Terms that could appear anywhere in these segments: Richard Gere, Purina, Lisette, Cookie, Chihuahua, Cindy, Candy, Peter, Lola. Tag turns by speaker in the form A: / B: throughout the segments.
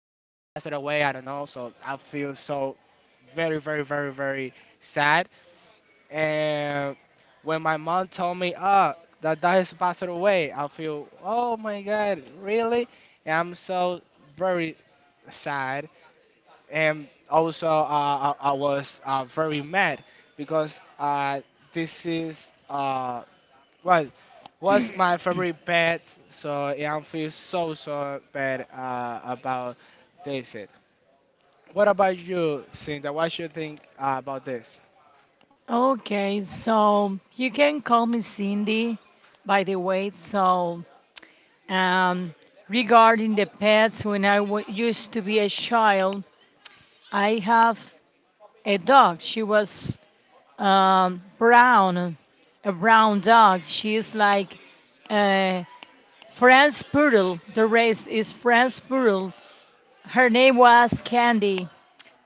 A: away. I don't know. So I feel so very very very very sad, and when my mom told me, "Oh, that dad has passed away," I feel, "Oh my God, really?" And I'm so very sad, and also I was very mad because this is well, was my favorite pet, so yeah, I feel so bad about this. What about you, Cinta? What you think about this?
B: Okay, so you can call me Cindy, by the way. So, um, regarding the pets, when used to be a child, I have a dog. She was brown, a brown dog. She is like a French poodle. The race is French poodle. Her name was Candy.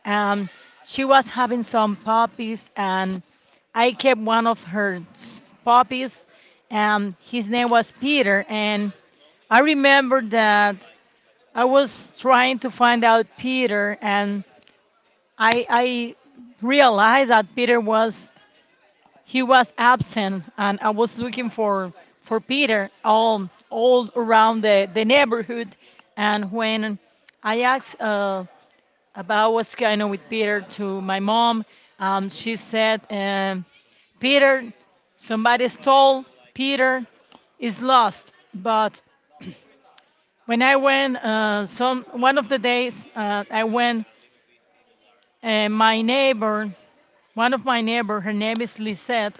B: Um, she was having some puppies, and I kept one of her puppies. His name was Peter, and I remember that I was trying to find out Peter, and I realized that Peter was he was absent, and I was looking for Peter all around the neighborhood. And when I asked. About what's going on with Peter to my mom. She said, Peter, somebody stole Peter, is lost. But when I went, some one of the days, I went, and my neighbor, one of my neighbor, her name is Lisette.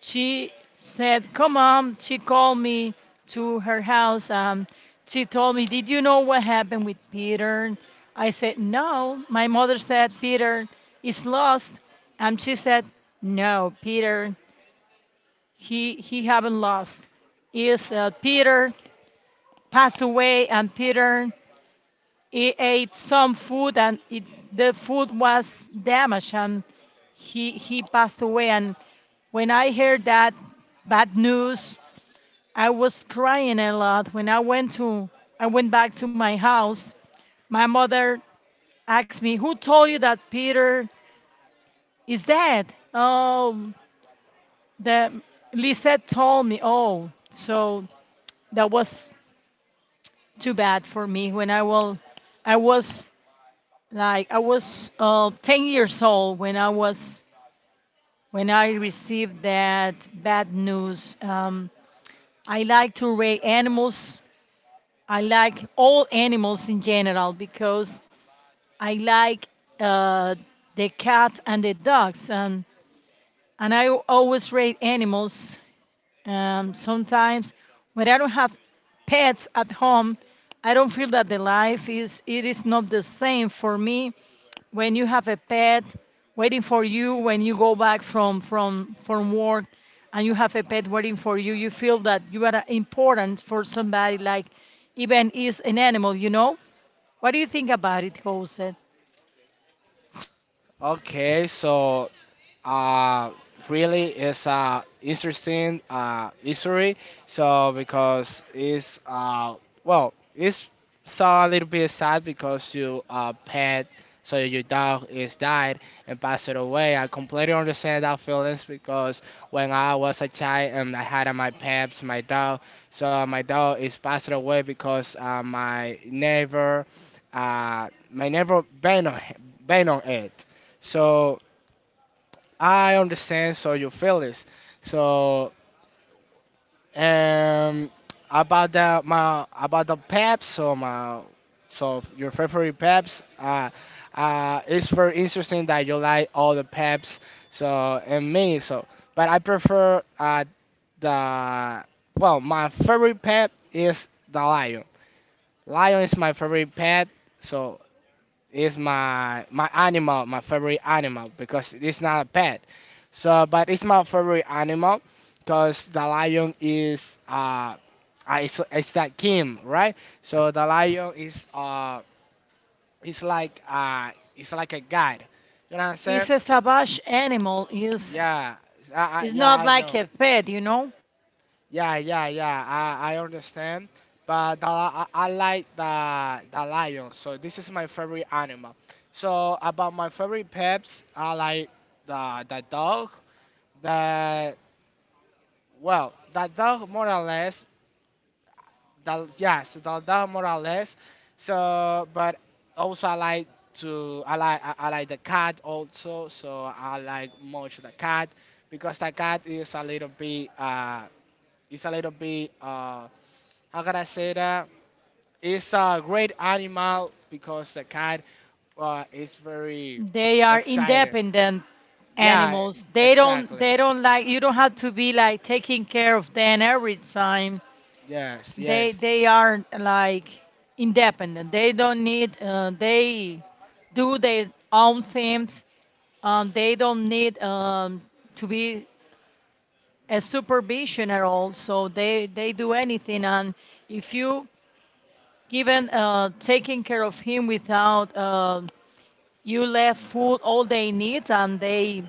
B: She said, "Come on." She called me to her house. She told me, "Did you know what happened with Peter?" I said, "No. My mother said, Peter is lost." And she said, "No, Peter, he haven't lost. Is Peter passed away and Peter he ate some food and it, the food was damaged and he passed away." And when I heard that bad news, I was crying a lot when I went to I went back to my house. My mother asked me, "Who told you that Peter is dead?" Oh, the Lisette told me. Oh, so that was too bad for me when I will I was like I was 10 years old when I was when I received that bad news. I like to raise animals. I like all animals in general because I like uh, the cats and the dogs, and I always rate animals sometimes when I don't have pets at home, I don't feel that the life is it is not the same for me when you have a pet waiting for you when you go back from work and you have a pet waiting for you you feel that you are important for somebody like even is an animal, you know, what do you think about it, Jose?
A: Okay, so uh, really it's a interesting history. So because it's well, it's so a little bit sad because you pet, so your dog is died and passed away. I completely understand that feelings because when I was a child and I had my pets, my dog, so my dog is passed away because my neighbor banned on it. So I understand so your feelings. So um about the my about the peps so my so your favorite peps it's very interesting that you like all the peps so and me so but I prefer the well, my favorite pet is the lion. Lion is my favorite pet, so it's my animal, my favorite animal because it's not a pet. So, but it's my favorite animal because the lion is it's that king, right? So the lion is it's like uh, it's like a guide. You know what I'm saying?
B: It's a savage animal is
A: Yeah,
B: it's
A: yeah,
B: not
A: I
B: like
A: know.
B: a pet, you know.
A: Yeah, yeah, yeah. I understand, but the, I like the lion. So this is my favorite animal. So about my favorite pets, I like the dog. The Well, the dog more or less. The Yes, the dog more or less. So, but also I like the cat also. So I like much the cat because the cat is a little bit is a little bit uh. How can I say that? It's a great animal because the cat is very
B: They are
A: excited.
B: independent
A: Yeah,
B: animals. They don't
A: exactly.
B: they don't like you don't have to be like taking care of them every time.
A: Yes, yes.
B: They are like independent. They don't need they do their own things. They don't need to be a supervision at all. So they do anything. And if you given taking care of him without you left food all they need and they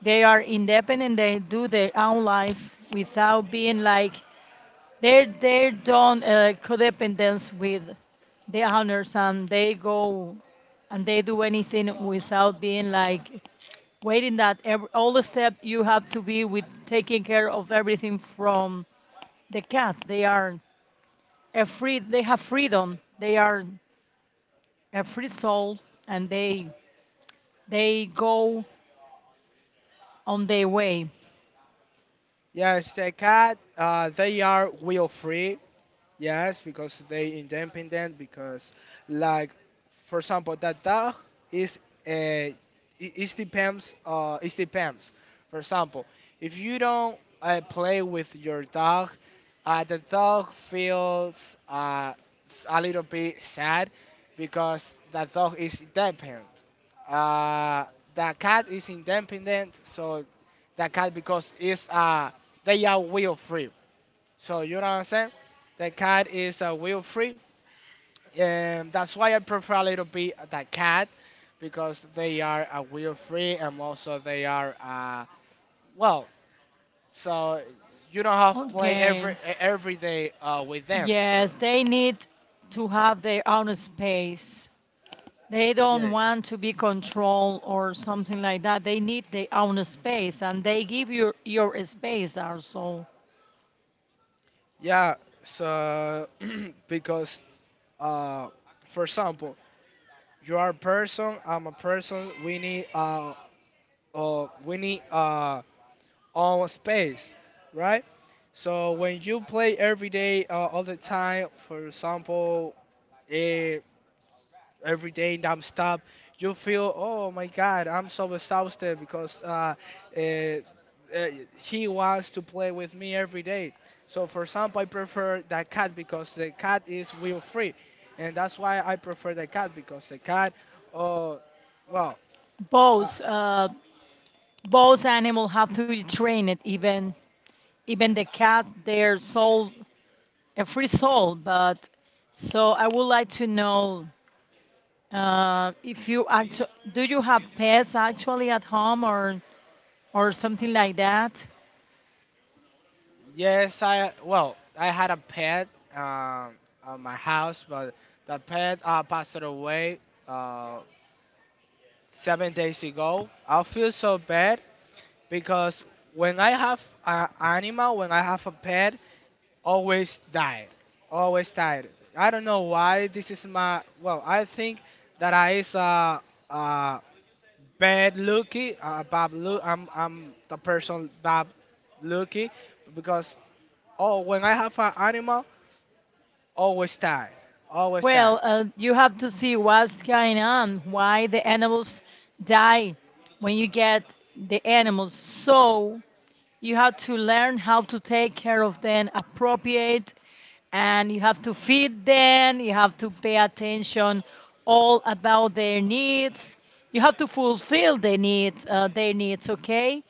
B: They are independent. They do their own life without being like they don't codependence with the owners, and they go and they do anything without being like waiting that every, all the step you have to be with taking care of everything from the cat. They are a free. They have freedom. They are a free soul, and they go on their way.
A: Yes, the cat, they are will free. Yes, because they independent. Because, like, for example, that dog is a it it depends. It depends. For example, if you don't play with your dog, the dog feels a little bit sad because the dog is independent. Uh, the cat is independent, so the cat because it's they are will free. So you know what I'm saying? The cat is wheel free, and that's why I prefer a little bit the cat because they are wheel free and also they are well. So you don't have to play every
B: Okay.
A: every day with them. So
B: Yes, they need to have their own space. They don't
A: yes.
B: want to be controlled or something like that. They need their own space, and they give you your space also.
A: Yeah. So because uh, for example, you are a person. I'm a person. We need uh we need uh on space, right? So when you play every day, all the time, for example, eh, every day nonstop, you feel, oh my God, I'm so exhausted because eh, eh, he wants to play with me every day. So for example, I prefer that cat because the cat is wheel free, and that's why I prefer the cat because the cat, oh, well. uh,
B: Both both animals have to be trained. Even even the cat, they're soul a free soul. But so I would like to know if you actually do you have pets actually at home or something like that?
A: Yes, I well, I had a pet um at my house, but the pet passed away uh 7 days ago. I feel so bad because when I have an animal, when I have a pet, always die, always died. I don't know why this is my well. I think that I is uh bad lucky, bad look. I'm the person bad lucky because oh when I have an animal. Always tired. Always tired.
B: Well, you have to see what's going on, why the animals die when you get the animals. So you have to learn how to take care of them appropriate and you have to feed them, you have to pay attention all about their needs. You have to fulfill their needs, okay?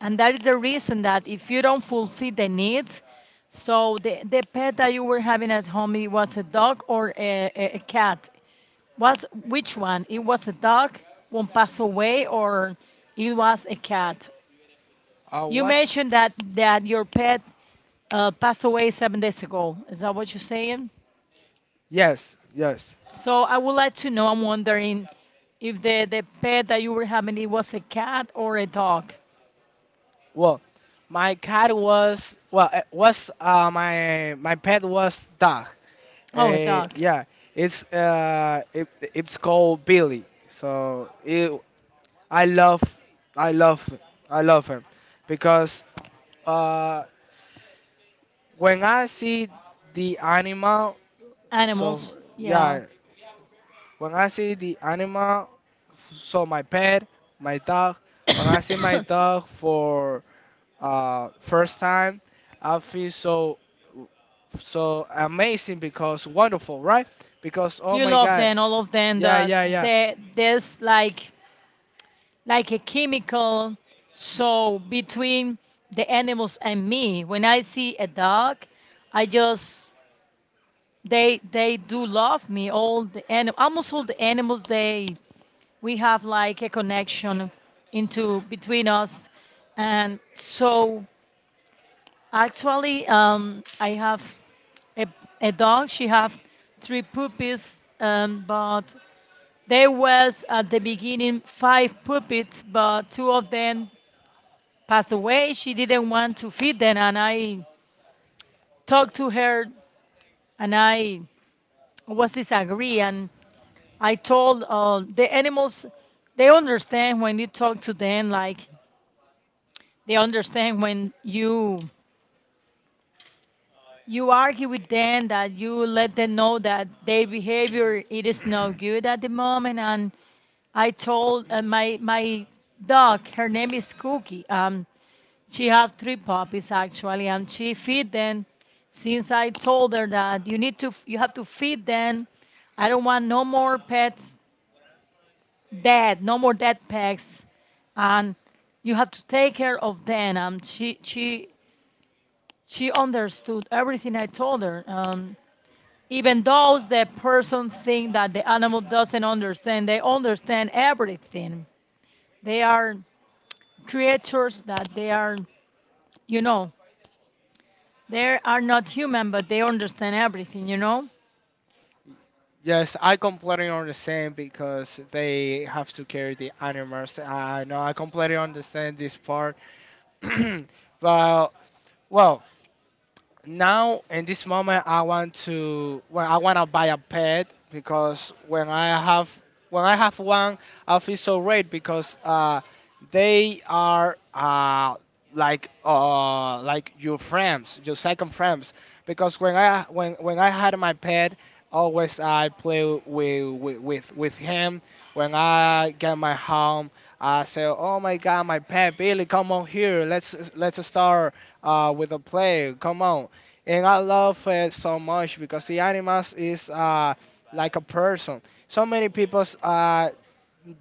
B: And that is the reason that if you don't fulfill the needs, so the pet that you were having at home, it was a dog or a cat? Was which one? It was a dog, one passed away, or it was a cat?
A: Uh,
B: You
A: what's
B: mentioned that that your pet passed away 7 days ago. Is that what you're saying?
A: Yes, yes.
B: So I would like to know. I'm wondering if the pet that you were having it was a cat or a dog.
A: Well, my cat was, well, it was my pet was dog.
B: Oh, a dog.
A: Yeah, it's it's called Billy. So it, I love I love I love him because uh when I see the animal, so
B: Animals. Yeah.
A: yeah, when I see the animal, so my pet, my dog, when I see my dog for first time, I feel so amazing because wonderful, right? Because oh
B: You
A: my
B: love
A: God,
B: them, all of them.
A: yeah,
B: That
A: yeah, yeah.
B: there's like a chemical. So between the animals and me, when I see a dog, I just they do love me all the and almost all the animals they we have like a connection into between us and so actually I have a, a dog she have three puppies but there was at the beginning five puppies but two of them passed away she didn't want to feed them and I talked to her and I was disagree and I told the animals they understand when you talk to them like they understand when you argue with them that you let them know that their behavior it is not good at the moment and I told my dog her name is Cookie she have three puppies actually and she feed them since I told her that you need to you have to feed them I don't want no more pets dead, no more dead pegs, and you have to take care of them. And she she understood everything I told her. Even though the person think that the animal doesn't understand, they understand everything. They are creatures that they are, you know, they are not human, but they understand everything. You know.
A: Yes, I completely understand because they have to carry the animals. I know I completely understand this part, but well, now in this moment, I want to well, I want to buy a pet because when I have one, I feel so great because they are like your second friends because when I had my pet, always I play with him when I get my home. I say, oh my God, my pet Billy, come on here. Let's start with a play. Come on. And I love it so much because the animals is like a person. So many people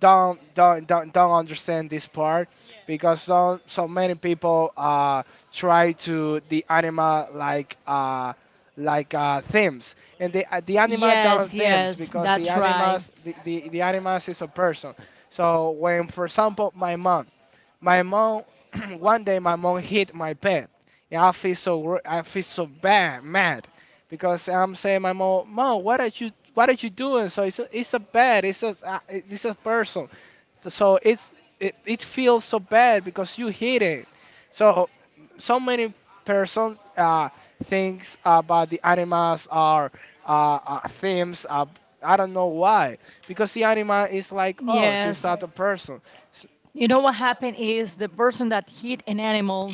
A: don't understand this part because so many people try to the animal like themes and the animal don't
B: Yes,
A: themes
B: yes,
A: because the
B: that's right.
A: animals, the animals is a person, so when for example my mom, one day my mom hit my pet, and I feel so bad, mad, because I'm saying my mom, mom, what are you doing? So it's a bad, it's a person, so, it feels so bad because you hit it. So so many persons thinks about the animals are themes. I don't know why, because the animal is like us, it's
B: Yes.
A: not a person. S-
B: You know what happened is the person that hit an animal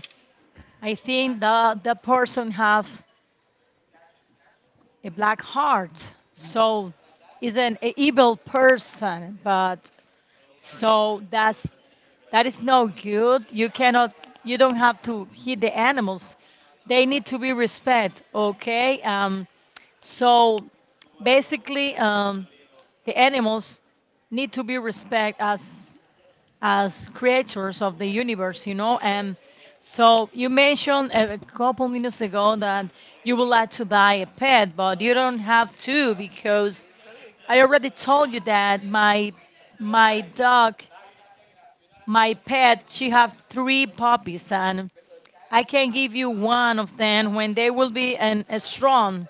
B: I think that the person have a black heart, so is an evil person. But so that's that is no good. You cannot. You don't have to hit the animals. They need to be respect. Okay. So basically, the animals need to be respect as creators of the universe, you know. And so you mentioned a couple minutes ago that you would like to buy a pet, but you don't have to because I already told you that my dog, my pet, she have three puppies, and I can give you one of them when they will be an, a strong,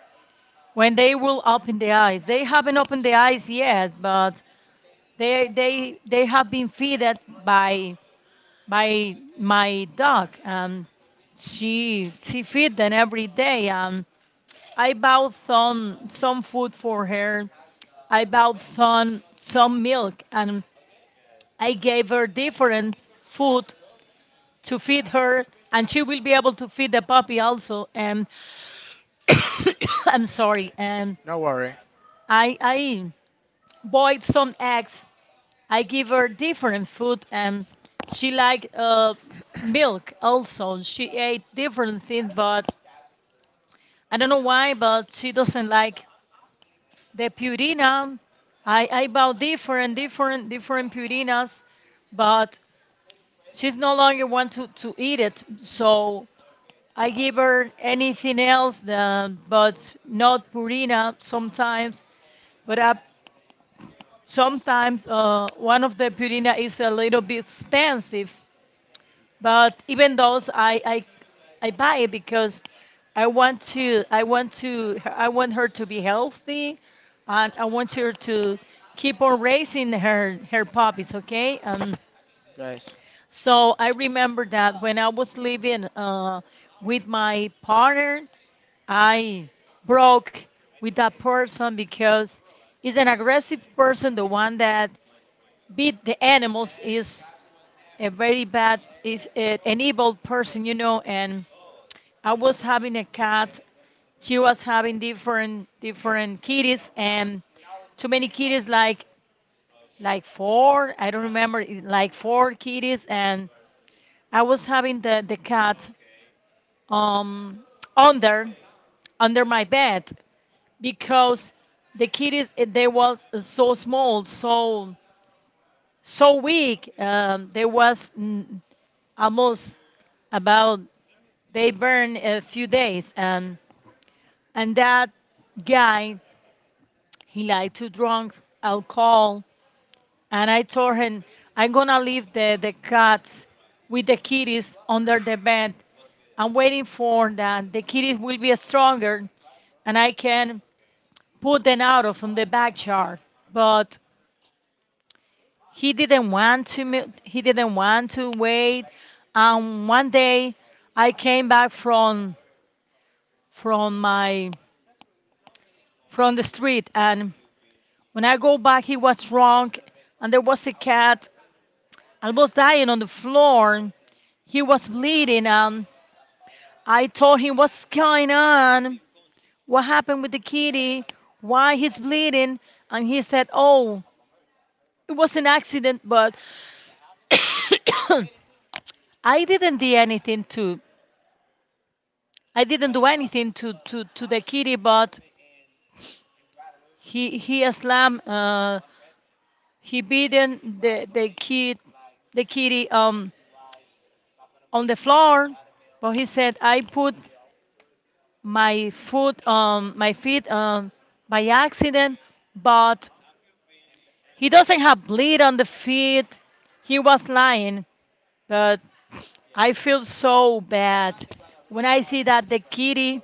B: when they will open the eyes. They haven't opened the eyes yet, but they have been fed by my dog and she feed them every day and I bought some food for her. I bought some milk and I gave her different food to feed her and she will be able to feed the puppy also and I'm sorry and
A: No worry.
B: I boiled some eggs. I give her different food and she liked milk also. She ate different things but I don't know why, but she doesn't like the Purina. I bought different Purinas, but she's no longer want to eat it. So I give her anything else than, but not Purina sometimes. But I, sometimes one of the Purina is a little bit expensive. But even those I I buy it because I want her to be healthy and I want her to keep on raising her puppies, okay?
A: Guys.
B: So I remember that when I was living with my partner I broke with that person because he's an aggressive person the one that beat the animals is a very bad is an evil person, you know, and I was having a cat she was having different kitties and too many kitties like four I don't remember it- like four kitties and I was having the cat um under under my bed because the kitties they were so small so so weak. Almost about they burned a few days, and that guy he liked to drink alcohol, and I told him I'm gonna leave the cats with the kitties under the bed. I'm waiting for that. The kitties will be stronger, and I can put them out of the backyard. But he didn't want to wait and one day I came back from my from the street and when I go back he was drunk and there was a cat almost dying on the floor he was bleeding and I told him what's going on what happened with the kitty why he's bleeding and he said oh it was an accident but i didn't do anything to I didn't do anything to, the kitty, but he slammed he beaten the kid the kitty on the floor. But he said I put my foot my feet by accident, but he doesn't have bleed on the feet. He was lying, but I feel so bad when I see that the kitty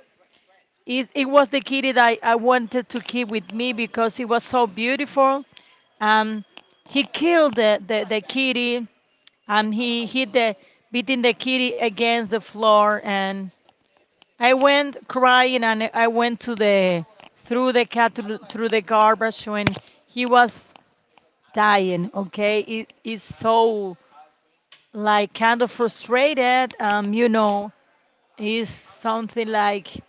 B: It, it was the kitty that I wanted to keep with me because it was so beautiful. Um, he killed the kitty and he hit the beating the kitty against the floor, and I went crying and I went to the through the cat through the garbage when he was dying. Okay, it's so like kind of frustrated. Is something like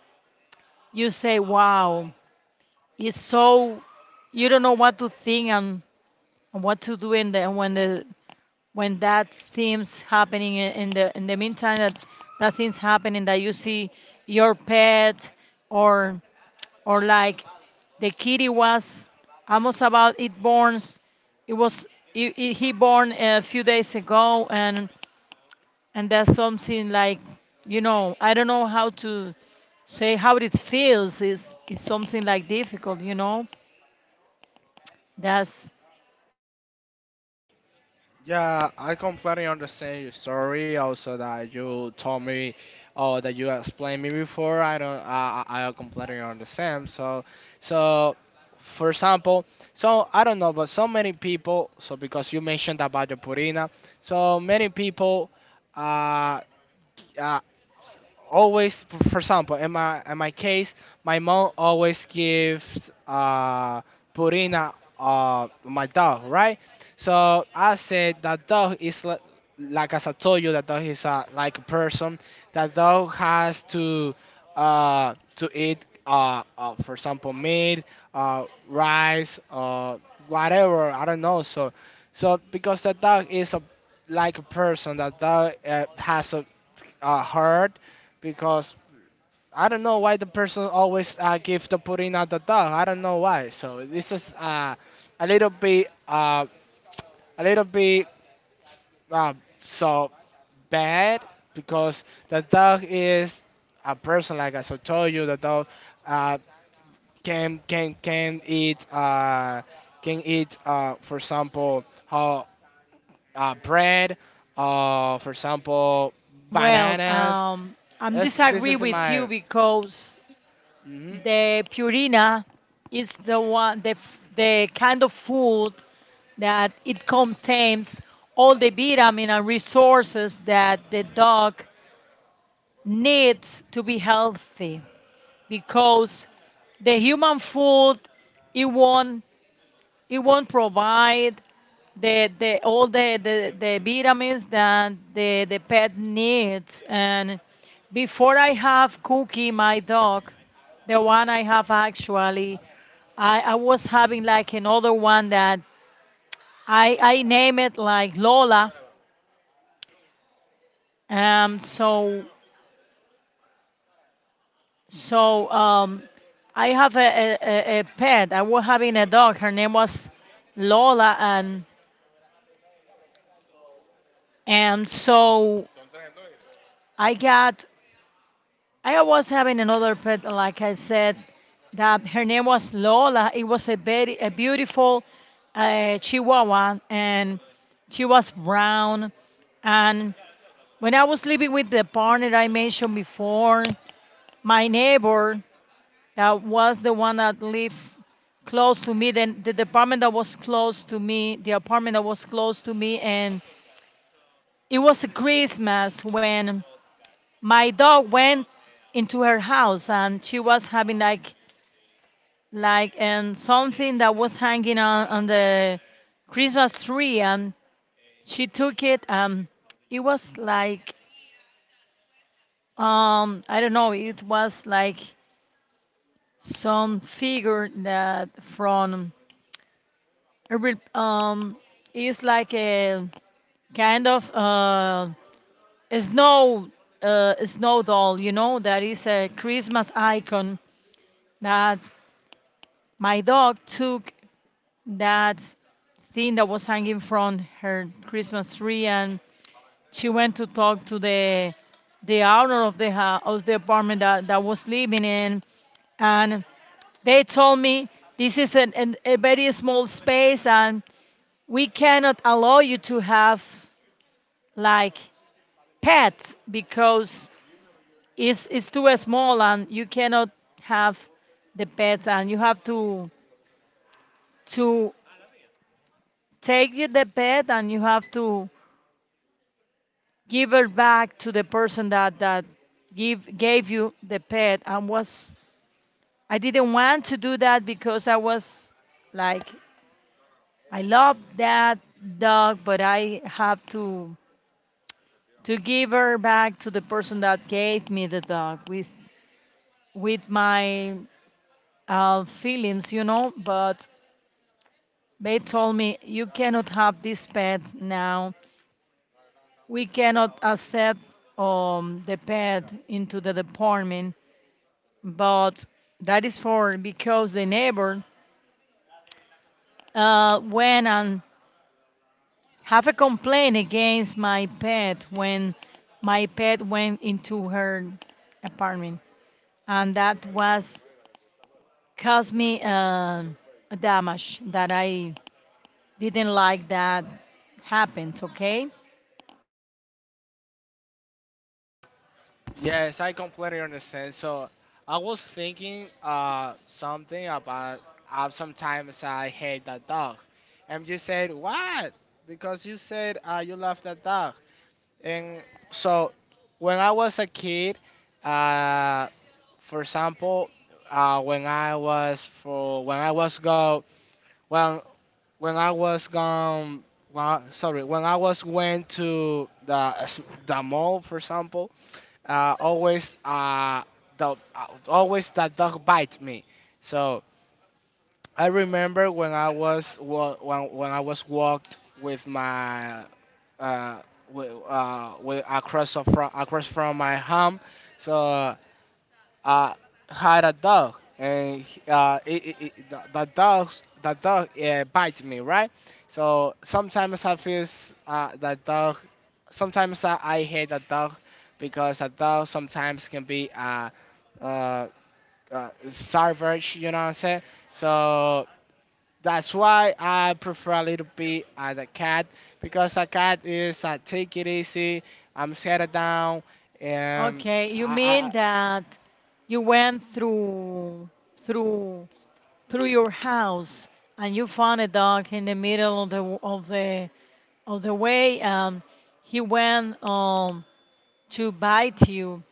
B: you say, wow, it's so you don't know what to think, and what to do in the when that things happening in the meantime that that things happening that you see your pet or or like the kitty was almost about it borns it was he born a few days ago, and that's something like you know I don't know how to say how it feels is something like difficult you know that's
A: Yeah, I completely understand your story. Also, that you told me, or that you explained me before. I don't. I completely understand. So, so, for example, so I don't know, but so many people. So because you mentioned about the Purina, so many people. uh, uh, Always for example in my case my mom always gives purina my dog, right, so I said that dog is like as I told you that dog is like a person, that dog has to eat for example meat, rice, whatever I don't know. So so because the dog is a like a person, that dog has a hurt, because I don't know why the person always give the pudding at the dog. I don't know why. So this is a little bit uh, a little bit uh, so bad because the dog is a person like I so told you. The dog uh, can eat can eat for example, how, bread. For example,
B: well.
A: bananas.
B: I'm
A: This
B: disagree
A: is
B: with you
A: my.
B: because
A: Hmm.
B: the Purina is the one the the kind of food that it contains all the vitamin and resources that the dog needs to be healthy, because the human food it won't. It won't provide the all the vitamins that the pet needs. And before I have Cookie, my dog, the one I have actually, I was having like another one that I name it like Lola. Um, so so I have a a pet. I was having a dog. Her name was Lola, and so I got I was having another pet, like I said, that her name was Lola. It was a very a beautiful Chihuahua, and she was brown. And when I was living with the partner I mentioned before, my neighbor that was the one that lived close to me, then the department that was close to me, the apartment that was close to me, and it was a Christmas when my dog went into her house and she was having like and something that was hanging on the Christmas tree, and she took it, and it was like I don't know, it was like some figure that from a is like a kind of a snow a snow doll, you know, that is a Christmas icon that my dog took that thing that was hanging from her Christmas tree, and she went to talk to the owner of the house, of the apartment that was living in, and they told me this is a very small space, and we cannot allow you to have like pets because it's too small, and you cannot have the pets, and you have to take you the pet, and you have to give it back to the person that give gave you the pet, and was I didn't want to do that because I was like I love that dog, but I have to give her back to the person that gave me the dog with my feelings, you know, but they told me you cannot have this pet now, we cannot accept the pet into the department, but that is for because the neighbor went and have a complaint against my pet when my pet went into her apartment, and that was caused me a damage that I didn't like that happens. Okay.
A: Yes, I completely understand. So I was thinking something about sometimes I hate that dog, and you said what? Because you said you love that dog. And so when I was a kid, uh, for example, uh, when I was for when I was go when when I was gone well, sorry, when I was went to the mall for example, always the always the dog bite me. So I remember when I was walked with my uh with from across from my home, so I had a dog and the dog bites me, right. So sometimes I feel the dog. Sometimes I hate a dog because a dog sometimes can be uh, savage. You know what I'm saying? So. That's why I prefer a little bit as a cat because a cat is, I take it easy, I'm settled down, and
B: Okay, you mean
A: I
B: that you went through through through your house, and you found a dog in the middle of the of the of the way, and he went to bite you,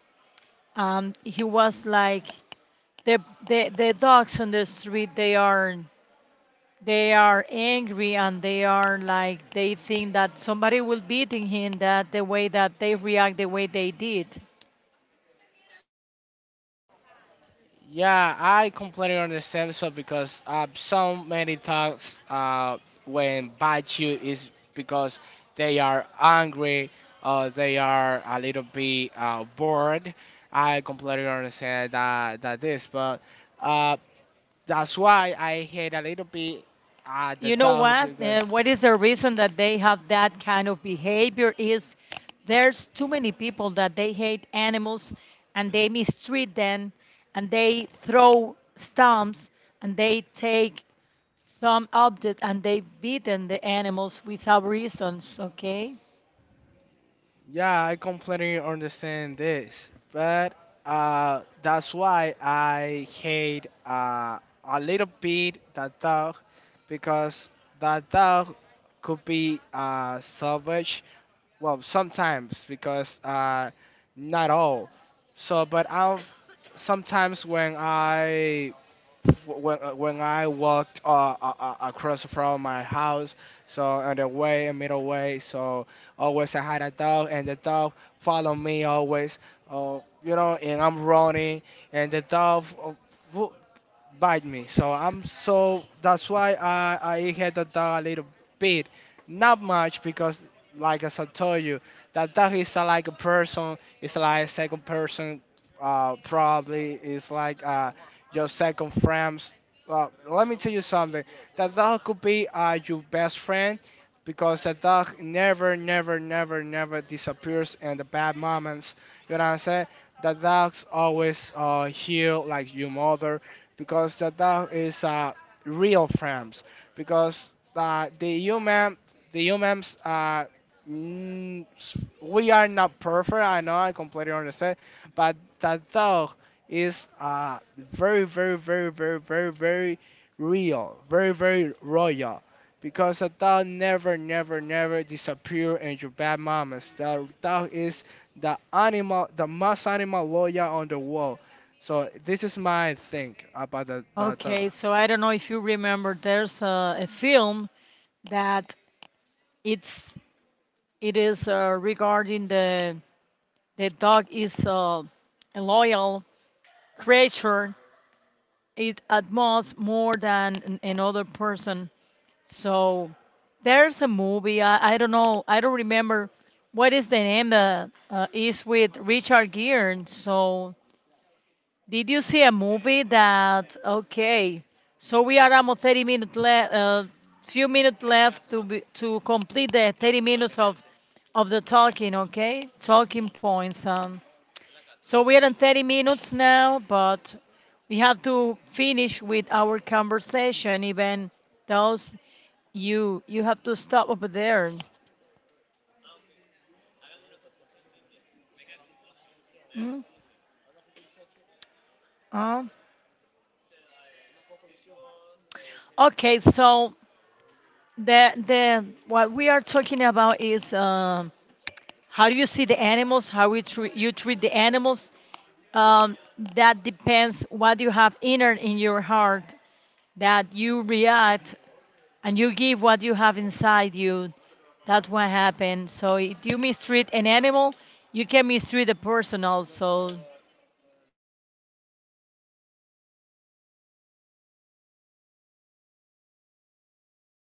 B: and he was like the the dogs on the street they are angry, and they are like they think that somebody will beating him that the way that they react the way they did.
A: yeah, I completely understand, so because so many dogs when bite you is because they are angry or they are a little bit bored. I completely understand that this, but uh that's why I hate a little bit the
B: You know
A: dog
B: what?
A: because.
B: What is the reason that they have that kind of behavior? Is there's too many people that they hate animals, and they mistreat them, and they throw stumps, and they take some object and they beaten the animals without reasons. Okay.
A: Yeah, I completely understand this, but that's why I hate a little bit that dog because that dog could be savage. Well, sometimes because not all. So, but I'll sometimes when I walked across from my house, so on the way, a middle way, so always I had a dog, and the dog follow me always. Oh, you know, and I'm running, and the dog wo- bite me. So I'm so that's why I hit the dog a little bit, not much because like as I told you, that that is a, like a person, it's like second person, probably it's like your second friends. Well, let me tell you something. That dog could be your best friend because the dog never, never, never, never disappears in the bad moments. You know what I'm saying? The dog's always here like your mother because the dog is real friends because the humans. We are not perfect. I know. I completely understand. But that dog is very, very, very, very, very, very real, very, very royal. Because a dog never, never, never disappear in your bad moments. The dog is the animal, the most animal lawyer on the world. So this is my thing about the dog.
B: Okay. So I don't know if you remember. There's a film that it's It is regarding the dog is a loyal creature. It admires more than another person. So there's a movie. I don't know. I don't remember what is the name that is with Richard Gere. So did you see a movie that? Okay, so we are almost 30 minutes left. Few minutes left to be, to complete the 30 minutes of the talking. Okay, talking points. So we are in 30 minutes now, but we have to finish with our conversation. Even those you have to stop over there. Hmm? Huh? Okay, so the what we are talking about is how do you see the animals, how we treat you treat the animals. Um, that depends what you have inner in your heart that you react and you give what you have inside you. That's what happened. So if you mistreat an animal, you can mistreat a person also.